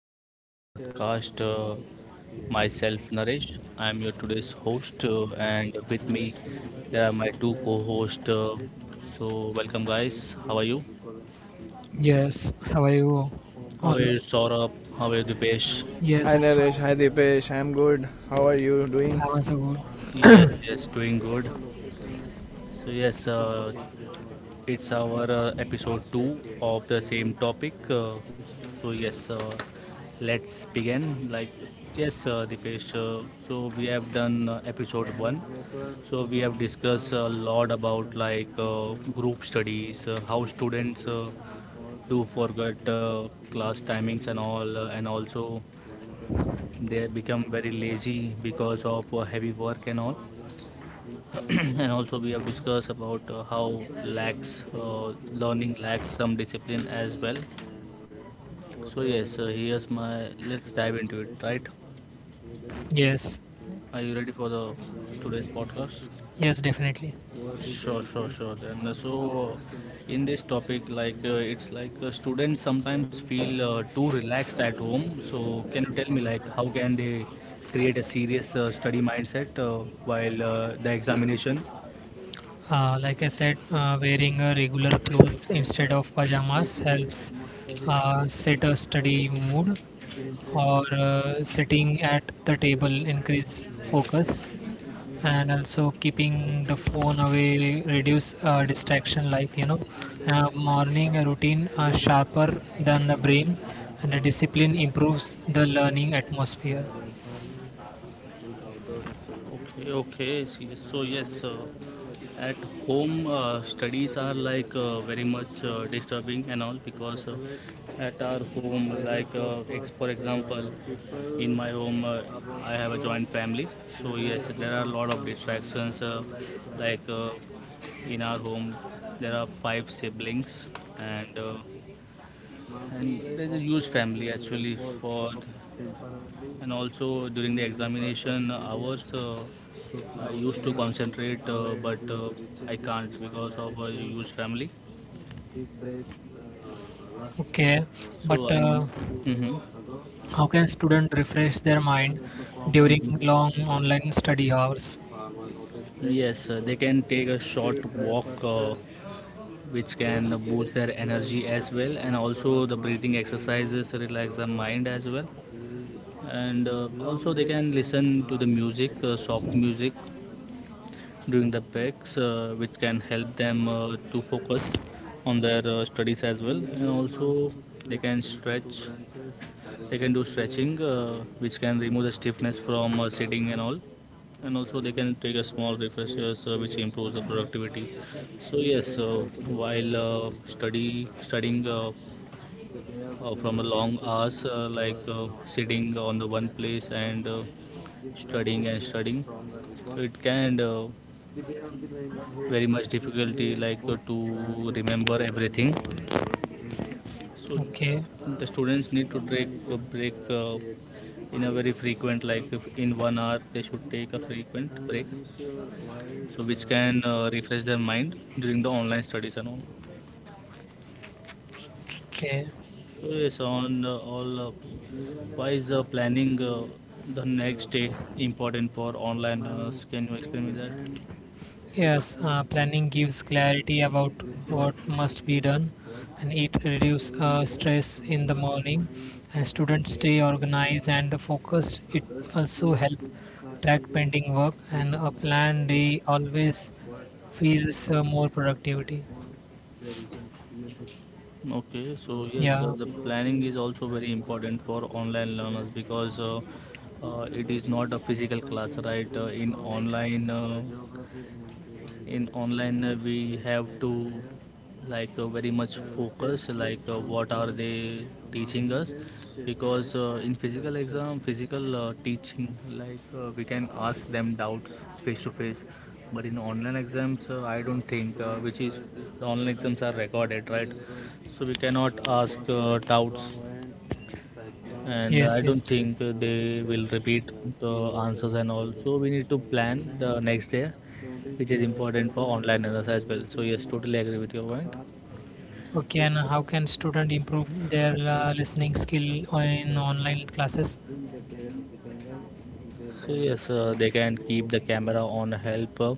our new podcast. Myself, Naresh. I am your today's host, and with me there are my two co-hosts. So welcome, guys. How are you? Yes, how are you? How are Always. you, Saurabh? How are you, Dipesh? Yes, Hi I'm Naresh, hi fine. Dipesh, I'm good. How are you doing? How are you? Good. Yes, yes, doing good. So yes, it's our episode 2 of the same topic. So, yes, uh, let's begin. Dipesh, so we have done episode 1. So, we have discussed a lot about like group studies, how students do forget class timings and all, and also they become very lazy because of heavy work and all. And also we have discussed about how lacks learning lacks some discipline as well. So yes, here's my let's dive into it, right? Yes, Are you ready for the today's podcast? yes, definitely. Sure, sure, sure. Then uh, so uh, in this topic like it's like students sometimes feel too relaxed at home, so can you tell me like how can they create a serious study mindset while the examination? Like I said, wearing a regular clothes instead of pajamas helps set a study mood, or sitting at the table increase focus, and also keeping the phone away reduce distraction like. Morning routine are sharper than the brain, and the discipline improves the learning atmosphere. Okay, okay. Yes, so yes, at home studies are like very much disturbing and all because at our home, for example, in my home, I have a joint family. So yes, there are a lot of distractions. Like uh, in our home, there are five siblings and. Uh, and there's a huge family actually for. And also, during the examination hours, I used to concentrate, but I can't because of a huge family. Okay. But So I. Mhm. how can student refresh their mind during long online study hours? Yes, they can take a short walk, which can boost their energy as well, and also the breathing exercises relax the mind as well. And also they can listen to the music, soft music, during the breaks, which can help them to focus on their studies as well. And also, they can stretch, they can do stretching, which can remove the stiffness from sitting and all. And also, they can take a small refreshers, which improves the productivity. So yes, while studying from a long hours, sitting on the one place and studying and studying, so it can very much difficulty like to remember everything. So Okay, the students need to take a break, in a very frequent, like if in 1 hour they should take a frequent break, so which can refresh their mind during the online studies and all. okay. So yes, on all why is planning the next day important for online learners? Can you explain me that? Yes, planning gives clarity about what must be done, and it reduces stress in the morning, and students stay organized and focused. It also help track pending work, and a planned day always feels more productivity. Okay, so yes, Yeah, the planning is also very important for online learners because it is not a physical class, right? In online, we have to like very much focus, like what are they teaching us? Because physical teaching, like we can ask them doubts face to face, but in online exams, I don't think, which is the online exams are recorded, right? So we cannot ask doubts, and I yes, yes. don't think they will repeat the answers. And also, we need to plan the next day, which is important for online learners as well. So yes, totally agree with your point. Okay, and how can student improve their listening skill in online classes? So yes, they can keep the camera on help uh,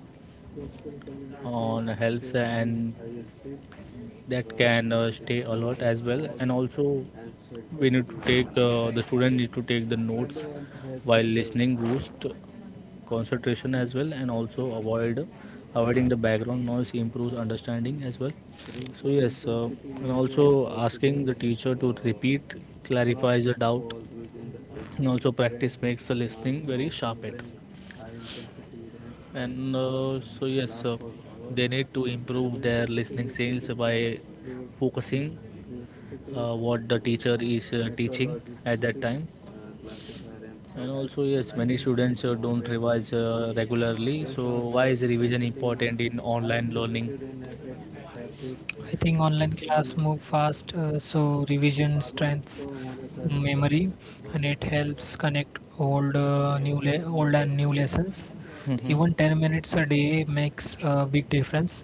on helps, and that can stay a lot as well. And also, we need to take the student need to take the notes while listening, boost concentration as well. And also avoiding the background noise improves understanding as well. So yes, and also asking the teacher to repeat clarifies the doubt. And also practice makes the listening very sharpened. And so yes, they need to improve their listening skills by focusing what the teacher is teaching at that time. And also, yes, many students don't revise regularly. So, why is revision important in online learning? I think online class move fast, so revision strengths memory, and it helps connect old and new lessons. Mm-hmm. Even 10 minutes a day makes a big difference.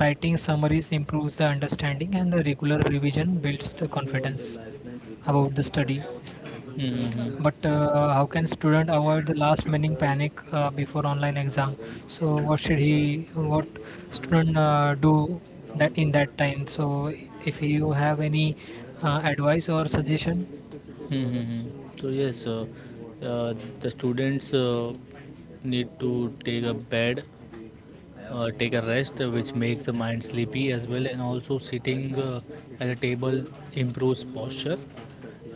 Writing summaries improves the understanding, and the regular revision builds the confidence about the study. Mm-hmm. But how can student avoid the last minute panic before online exam? So what should he, what student do that in that time? So if you have any advice or suggestion? Mm-hmm. So, yes, uh, the students need to take a rest, which makes the mind sleepy as well, and also sitting at a table improves posture.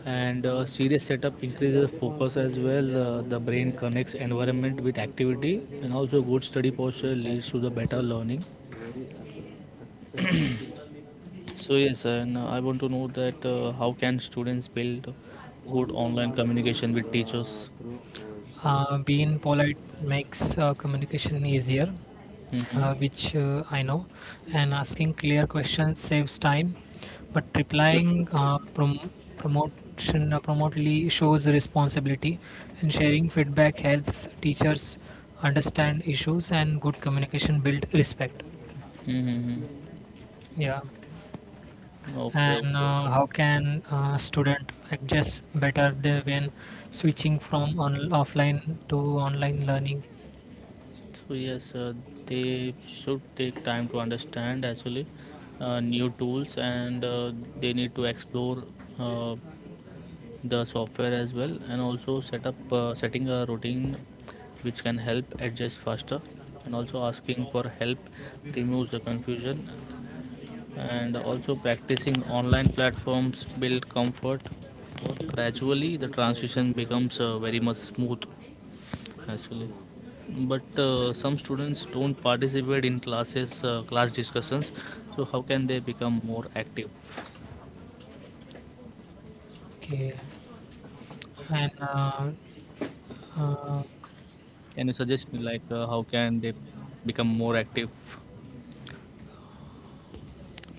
And serious setup increases focus as well. The brain connects environment with activity, and also good study posture leads to the better learning. So yes, and I want to know that how can students build good online communication with teachers? Being polite makes communication easier, Mm-hmm. Which I know, and asking clear questions saves time, but replying prom- promotion promotely shows responsibility, and sharing feedback helps teachers understand issues, and good communication build respect. Mm-hmm. Yeah, Okay, and okay, okay. how can student adjust better than when switching from offline to online learning? So yes, they should take time to understand actually new tools, and they need to explore uh, the software as well, and also setting a routine which can help adjust faster, and also asking for help removes the confusion, and also practicing online platforms build comfort. Gradually, the transition becomes very much smooth actually. But some students don't participate in class discussions, so how can they become more active? Okay. And uh, Can you suggest me like how can they become more active?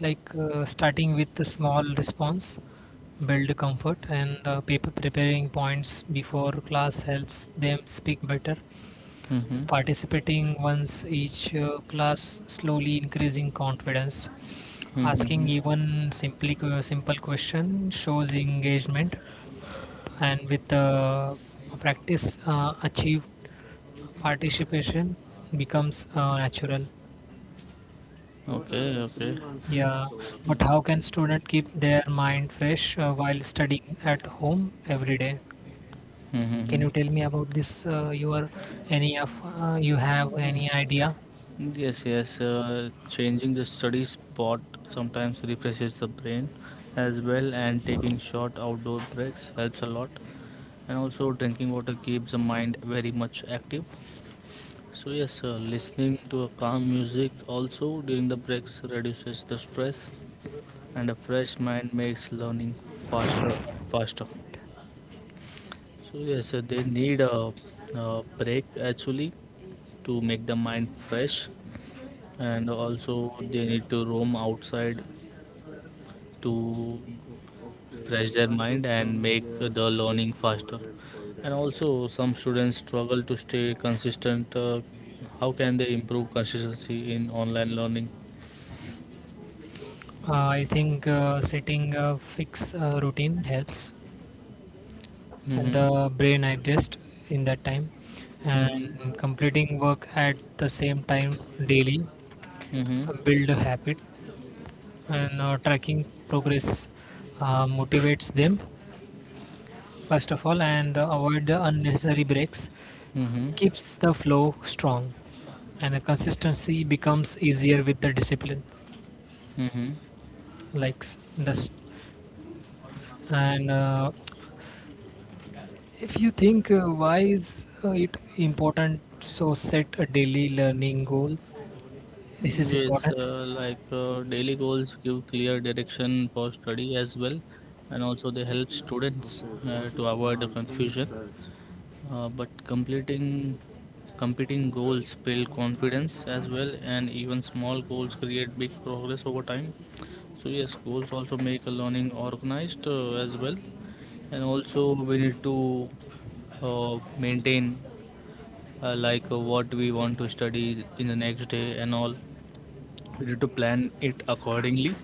like Starting with the small response, build comfort, and people preparing points before class helps them speak better. Mm-hmm. Participating once each class slowly increasing confidence. Mm-hmm. Asking even simply simple question shows engagement. And with the practice achieved participation becomes natural. Okay, okay. Yeah. But how can student keep their mind fresh while studying at home every day? Can you Mm-hmm. tell me about this? You have any idea? Yes, yes. Changing the study spot sometimes refreshes the brain as well, and taking short outdoor breaks helps a lot. And also drinking water keeps the mind very much active. So yes, listening to a calm music also during the breaks reduces the stress, and a fresh mind makes learning faster and faster. So yes, they need a break actually to make the mind fresh, and also they need to roam outside to fresh their mind and make the learning faster. And also, some students struggle to stay consistent. How can they improve consistency in online learning? I think setting a fixed routine helps, and Mm-hmm. the brain adjusts in that time, Mm-hmm. and completing work at the same time daily Mm-hmm. Build a habit, and tracking progress motivates them first of all, and avoid the unnecessary breaks Mm-hmm. keeps the flow strong, and the consistency becomes easier with the discipline. Mm-hmm. Like s- this and if you think why is it important, so set a daily learning goal. This is Yes, important. Daily goals give clear direction for study as well, and also they help students to avoid the confusion. But completing competing goals build confidence as well, and even small goals create big progress over time. So yes, goals also make a learning organized as well, and also we need to maintain what we want to study in the next day and all. We need to plan it accordingly.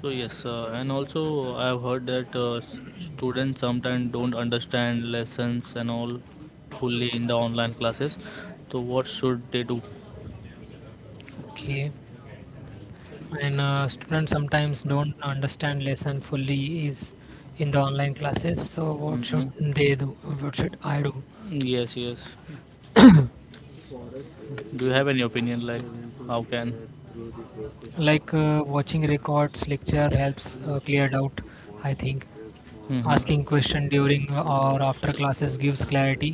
So yes, and also I have heard that students sometimes don't understand lessons and all fully in the online classes. So what should they do? Okay. And students sometimes don't understand lesson fully is in the online classes, so what should Hmm. they do? What should I do? Yes, yes. Do you have any opinion like how can? Like watching records lecture helps clear doubt, I think. Asking question during or after classes gives clarity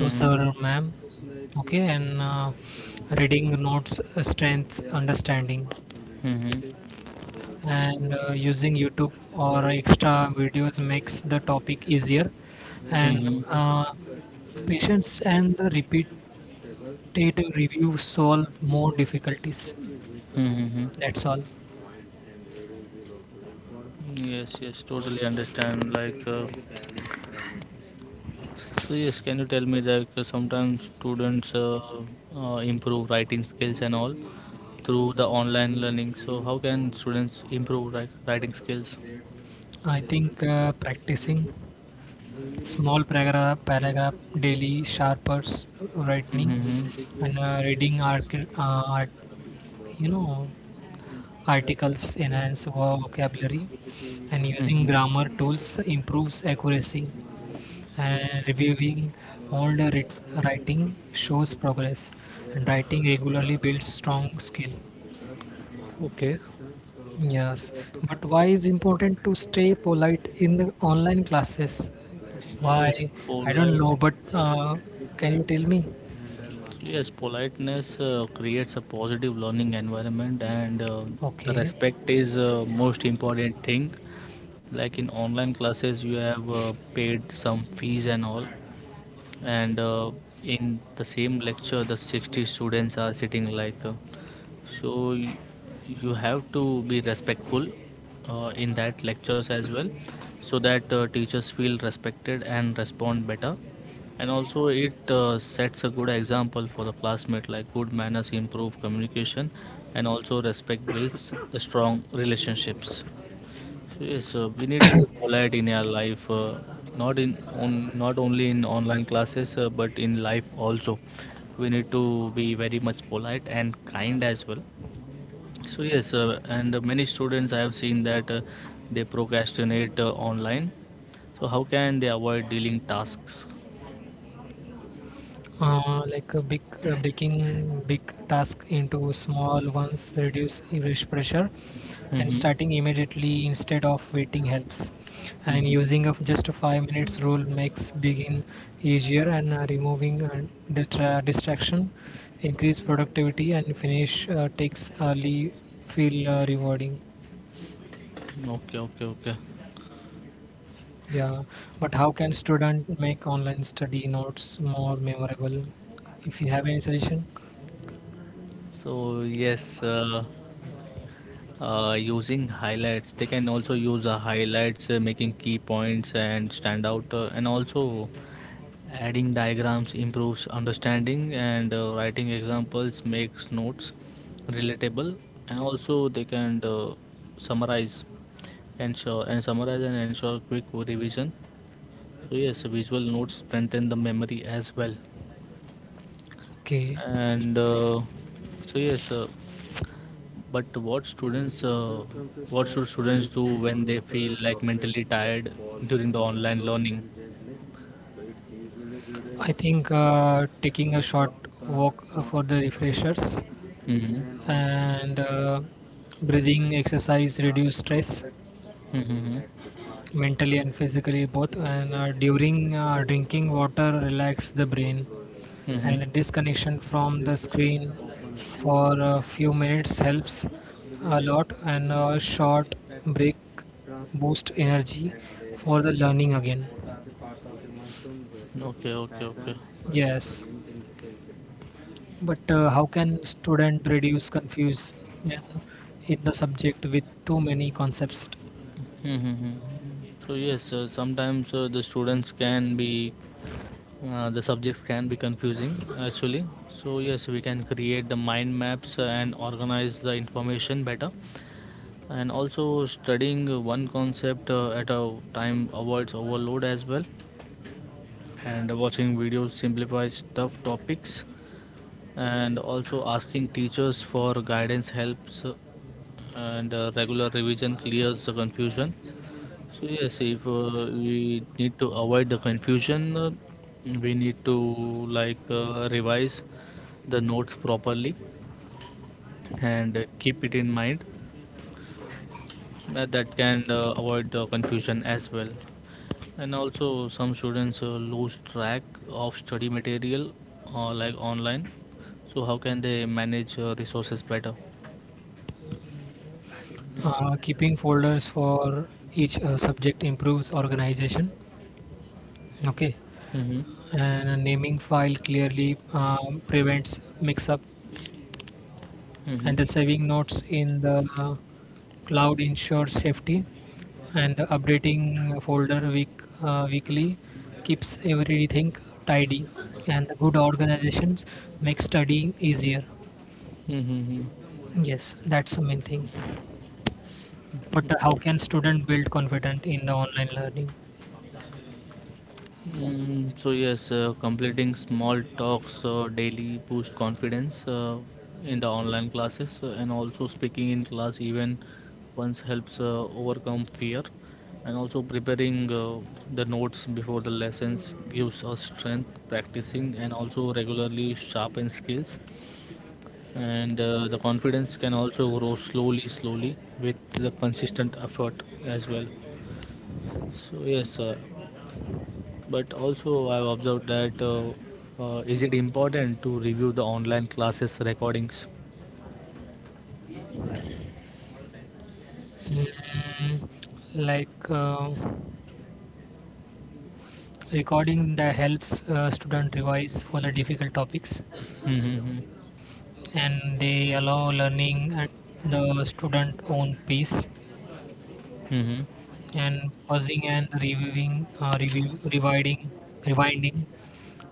to sir hmm. or ma'am. Okay. And reading notes strengths understanding, Mhm. and using YouTube or extra videos makes the topic easier, and Mhm. Patience and the repetitive review solve more The difficulties. system will weaken. Mm-hmm. From. That's all. Yes, yes, totally understand. Like, from the parents' presence. So yes, can you tell me that sometimes students improve writing skills and all through the online learning? So how can students improve writing skills? I think practicing small paragraph daily sharpers writing, Mm-hmm. and reading art, you know, articles enhance vocabulary, and using Mm-hmm. grammar tools improves accuracy, and reviewing old writ- writing shows progress, and writing regularly builds strong skill. Okay. Yes. But why is important to stay polite in the online classes? So Why? yes, I don't polite. know, but can you tell me? Yes, politeness creates a positive learning environment, and the Okay. respect is most important thing. Like in online classes, you have paid some fees and all, and in the same lecture, the 60 students are sitting like. So you have to be respectful in that lectures as well, so that teachers feel respected and respond better. And also it sets a good example for the classmate, like good manners improve communication, and also respect builds the strong relationships. So yes, we need to be polite in our life, not in on not only in online classes, but in life also we need to be very much polite and kind as well. So yes, and many students I have seen that they procrastinate online. So how can they avoid dealing tasks? Like a big Breaking big task into small ones reduce rush pressure, and Mm-hmm. starting immediately instead of waiting helps, and Mm-hmm. using of just a 5 minutes rule makes begin easier, and removing distraction increase productivity, and finish takes early feel rewarding. Okay, okay, okay. Yeah. But how can student make online study notes more memorable, if you have any suggestion? So yes, they can also use highlights, making key points and stand out, and also adding diagrams improves understanding, and writing examples makes notes relatable, and also they can summarize summarize and ensure quick revision. So yes, visual notes strengthen the memory as well. Okay. And so yes. But what should students do when they feel like mentally tired during the online learning? I think taking a short walk for the refreshers, Hmm, and breathing exercise reduce stress mentally and physically both. And during drinking water, relax the brain, hmm, hmm. and a disconnection from the screen for a few minutes helps a lot. And a short break boost energy for the learning again. Okay, okay, okay. Yes. But how can student reduce confusion in the subject with too many concepts? Mm-hmm. So yes, sometimes the subjects can be confusing actually. So yes, we can create the mind maps and organize the information better. And also studying one concept at a time avoids overload as well. And watching videos simplifies tough topics, and also asking teachers for guidance helps, and regular revision clears the confusion. So yes, if we need to avoid the confusion, we need to like revise the notes properly and keep it in mind, that can avoid confusion as well. And also, some students lose track of study material like online. So, how can they manage resources better? Keeping folders for each subject improves organization. Okay, Mm-hmm. and naming file clearly prevents mix-up, Mm-hmm. and the saving notes in the cloud ensures safety, and the updating folder week weekly keeps everything tidy, and the good organizations make studying easier. Mm-hmm. Yes, that's the main thing. But how can student build confidence in the online learning? So yes, completing small talks daily boost confidence in the online classes, and also speaking in class even once helps overcome fear, and also preparing the notes before the lessons gives us strength. Practicing and also regularly sharpen skills, and the confidence can also grow slowly, slowly with the consistent effort as well. So yes, sir. But also I've observed that is it important to review the online classes recordings? Mm, like recording that helps student revise for the difficult topics, Mm-hmm. Mm-hmm. and they allow learning at the student own pace, Mm-hmm. and pausing and rewinding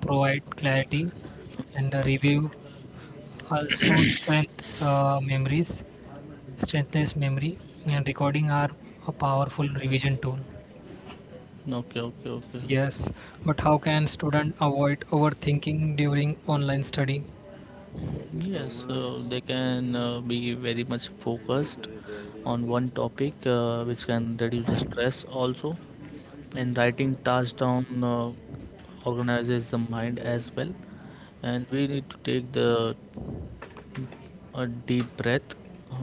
provide clarity, and the review also strengthens memory, and recording are a powerful revision tool. Okay, okay, okay. Yes. But how can student avoid overthinking during online study? Yes, so they can be very much focused on one topic, which can reduce the stress also. And writing tasks down organizes the mind as well. And we need to take the a deep breath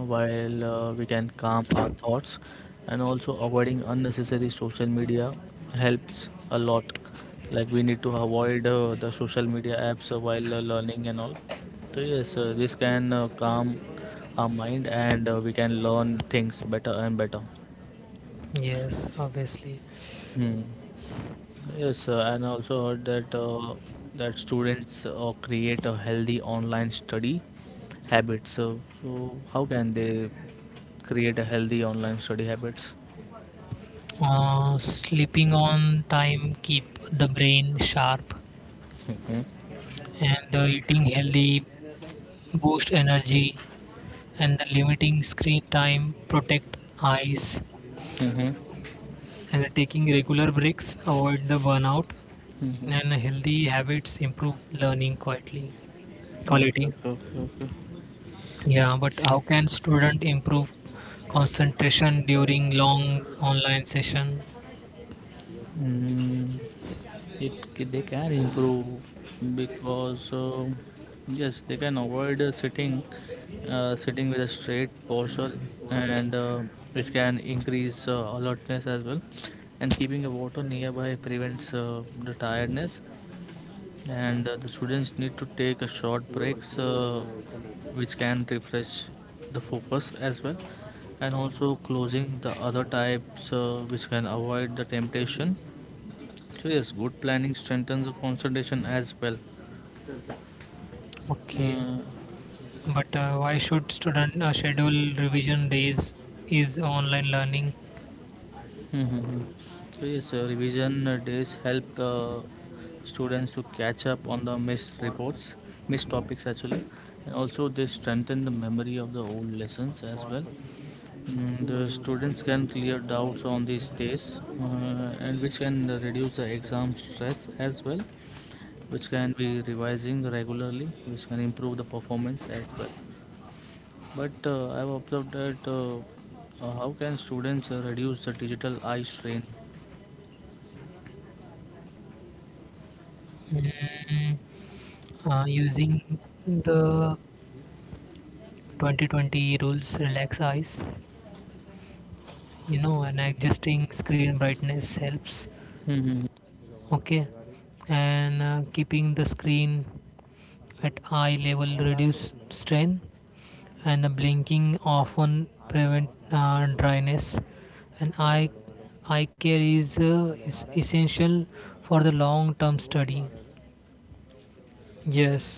while we can calm our thoughts, and also avoiding unnecessary social media helps a lot. Like we need to avoid the social media apps while learning and all. So yes, this can calm our mind, and we can learn things better and better. Yes, obviously. Hmm. Yes, and also heard that that students create a healthy online study habits. So, so how can they create a healthy online study habits? Sleeping on time keep the brain sharp, and the eating healthy boost energy, and the limiting screen time protect eyes, Mm-hmm. and the taking regular breaks avoid the burnout, Mm-hmm. Mm-hmm. and healthy habits improve learning quietly Okay, quality. okay, okay, okay. Yeah. But how can student improve concentration during long online session? Mm, they can improve because yes, they can avoid sitting with a straight posture, and which can increase alertness as well. And keeping a water nearby prevents the tiredness, and the students need to take a short breaks, which can refresh the focus as well. And also closing the other types, which can avoid the temptation. So yes, good planning strengthens the concentration as well. Okay. Uh, But why should student schedule revision days? Is online learning mhm. So yes, revision days help students to catch up on the missed topics actually, and also they strengthen the memory of the old lessons as well. Mm, the students can clear doubts on these days, and which can reduce the exam stress as well, which can be revising regularly, which can improve the performance as well. But I've observed that how can students reduce the digital eye strain? mm, using the 2020 rules? Relax eyes, you know, and adjusting screen brightness helps. Hmm. Okay. And keeping the screen at eye level reduce strain, and the blinking often prevent dryness, and eye care is essential for the long term study. Yes,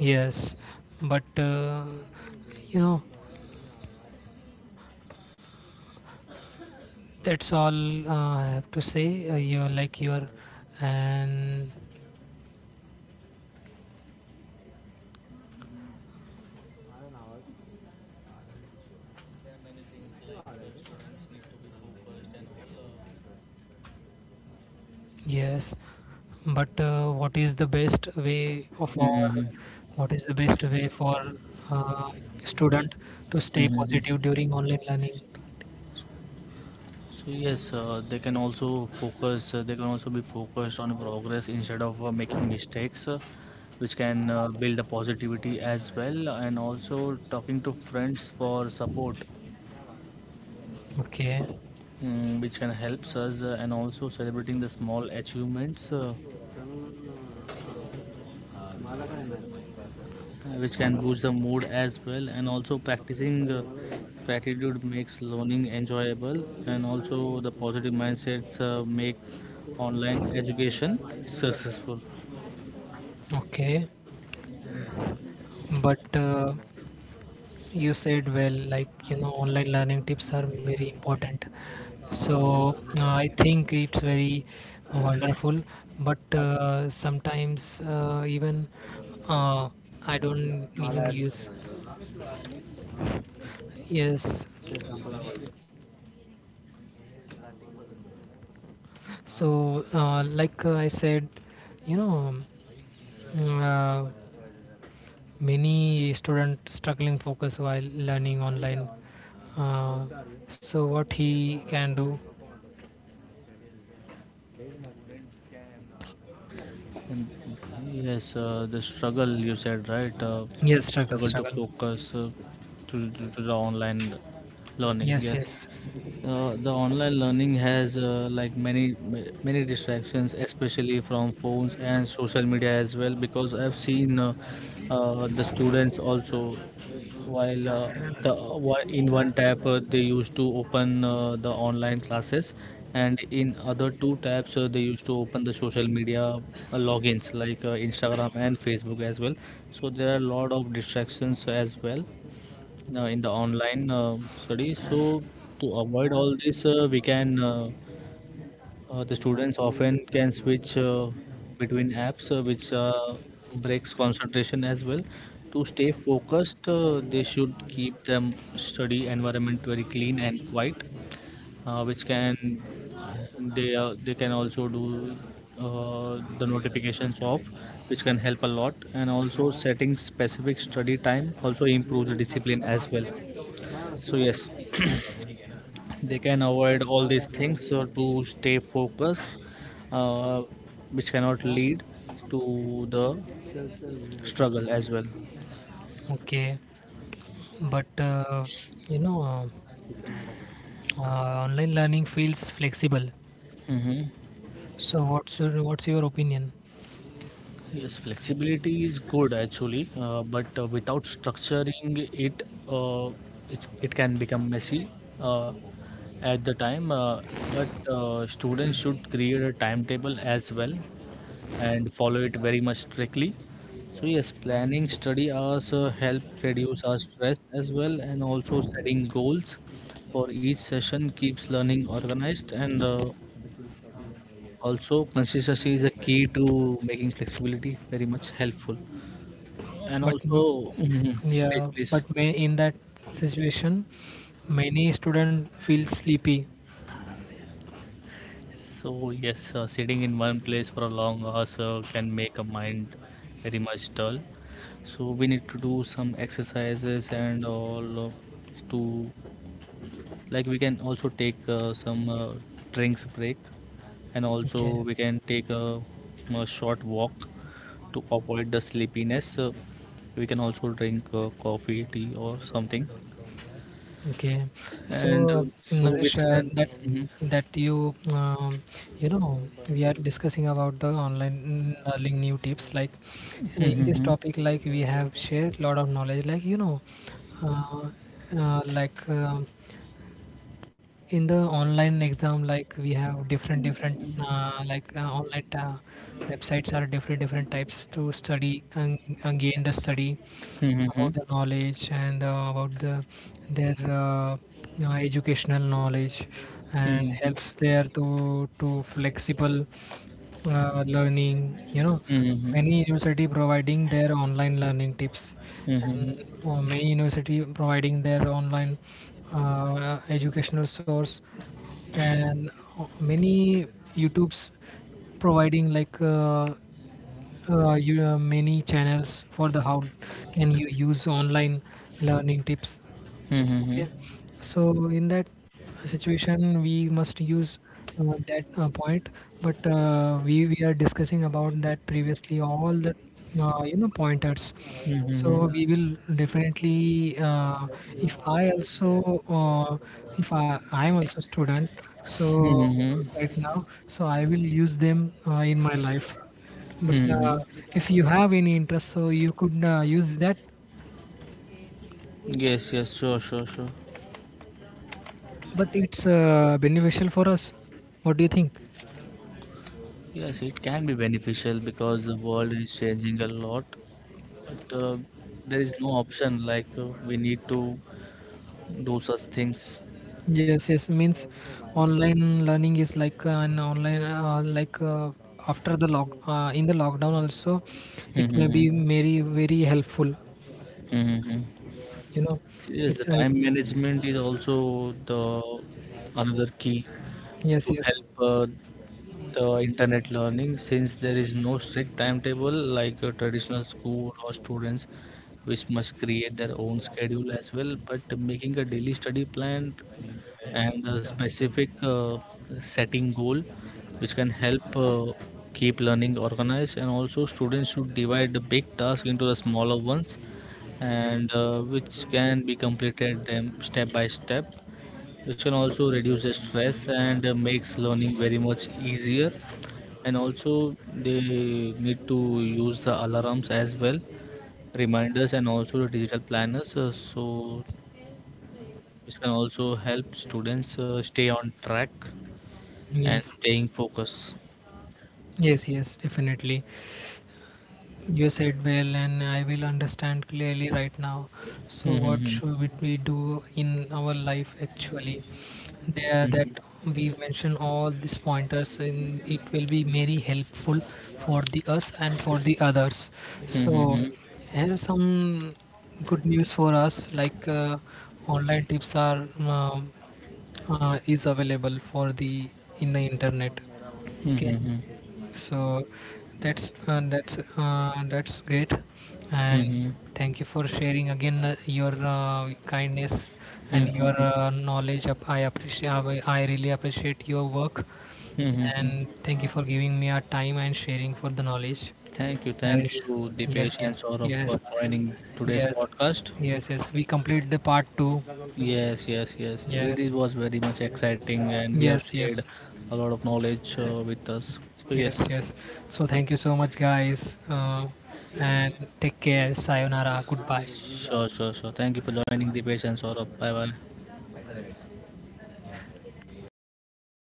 yes. But you know, that's all I have to say. You're like you're and Yes. But Hmm. what is the best way for uh, student to stay positive Hmm. during online learning? So yes, they can also focus. They can also be focused on progress instead of making mistakes, which can build the positivity as well, and also talking to friends for support, Okay, mm, which can helps us, and also celebrating the small achievements. Which can boost the mood as well. And also practicing gratitude makes learning enjoyable, and also the positive mindsets make online education successful. okay. But you said well, like you know, online learning tips are very important. So I think it's very wonderful, but sometimes even uh, I don't even use. Yes. So, I said, you know, mm, many student struggling focus while learning online. Uh, so, what he can do? And yes, the struggle you said, right? Yes, struggle, Struggle to struggle. focus, to the online learning. Yes, Yes, yes. The online learning has like many distractions, especially from phones and social media as well. Because I've seen the students also while in one tab they used to open the online classes, and in other two tabs they used to open the social media logins like Instagram and Facebook as well. So there are a lot of distractions as well in the online study. So to avoid all this, we can the students often can switch between apps, which breaks concentration as well. To stay focused, they should keep them study environment very clean and quiet, which can they can also do the notifications off, which can help a lot. And also setting specific study time also improves discipline as well. So yes, they can avoid all these things so to stay focused, uh, which cannot lead to the struggle as well. Okay. But you know, uh, online learning feels flexible. Hmm. So, what's your opinion? Yes, flexibility is good actually, but without structuring it, uh, it can become messy, uh, at the time, but students should create a timetable as well and follow it very much strictly. So yes, planning study hours help reduce our stress as well, and also setting goals for each session keeps learning organized. And also consistency is a key to making flexibility very much helpful. And But m- also, stay yeah. please. But may in that situation, many student feel sleepy. So yes, sitting in one place for a long hours can make a mind very much dull. So we need to do some exercises and all to like we can also take some drinks break, and also Okay, we can take a short walk to avoid the sleepiness. We can also drink coffee tea or something. okay. And uh, So so Naresh, which can that Mhm. that you you know, we are discussing about the online learning new tips, like in this Mhm, topic, like we have shared lot of knowledge, like you know, uh, uh, like. um in the online exam, like we have different online websites are different types to study, and gain the study mhm, about the knowledge and about the their educational knowledge, and helps mhm, there to flexible learning, you know. mhm, Many university providing their online learning tips. And mhm, many university providing their online educational source. And many YouTubes providing like many channels for the how can you use online learning tips. Okay. So in that situation we must use that point. But we are discussing about that previously all the you know pointers. So mhm, we will definitely if I also uh, if I I am also student, mhm, so mhm, right now, so I will use them in my life. But mhm. if you have any interest, so you could use that. Yes, yes, sure, sure, sure. But it's beneficial for us. What do you think? Yes, it can be beneficial because the world is changing a lot. But there is no option. Like we need to do such things. Yes, yes. Means online learning is like an online like after the lock in the lockdown also, it may Mm-hmm. be very very helpful, Mm-hmm. you know. Yes, it, the it time management is also the another key Yes, to yes, help the internet learning, since there is no strict timetable like a traditional school or students, which must create their own schedule as well. But making a daily study plan and a specific setting goal, which can help keep learning organized. And also students should divide the big task into the smaller ones, and which can be completed them step by step, which can also reduce the stress and makes learning very much easier. And also they need to use the alarms as well, reminders, and also the digital planners, so which can also help students stay on track and yes. staying focused. Yes, yes, definitely. You said well, and I will understand clearly right now. So, what Mhm, should we do in our life actually? There, mhm, that we mention all these pointers, and it will be very helpful for the us and for the others. mhm, So, mhm, here are some good news for us. Like online tips are um is available for the in the internet. Okay. mhm, mhm, So that's that's great. And mhm, thank you for sharing again your kindness and your mhm, knowledge. I appreciate. I really appreciate your work, mhm, mhm. and thank you for giving me a time and sharing for the knowledge. I, Thank yes, you, Dipesh yes, and Saurabh, yes, for joining today's yes, podcast. yes, yes. We complete the part two. Yes, yes, yes. It is, Yes, was very much exciting, and we have yes, shared yes. a lot of knowledge with us. So, Yes, yes, yes. So thank you so much, guys. And take care. Sayonara. Goodbye. sure, sure, sure. Thank you for joining, Dipesh and Saurabh. Bye bye.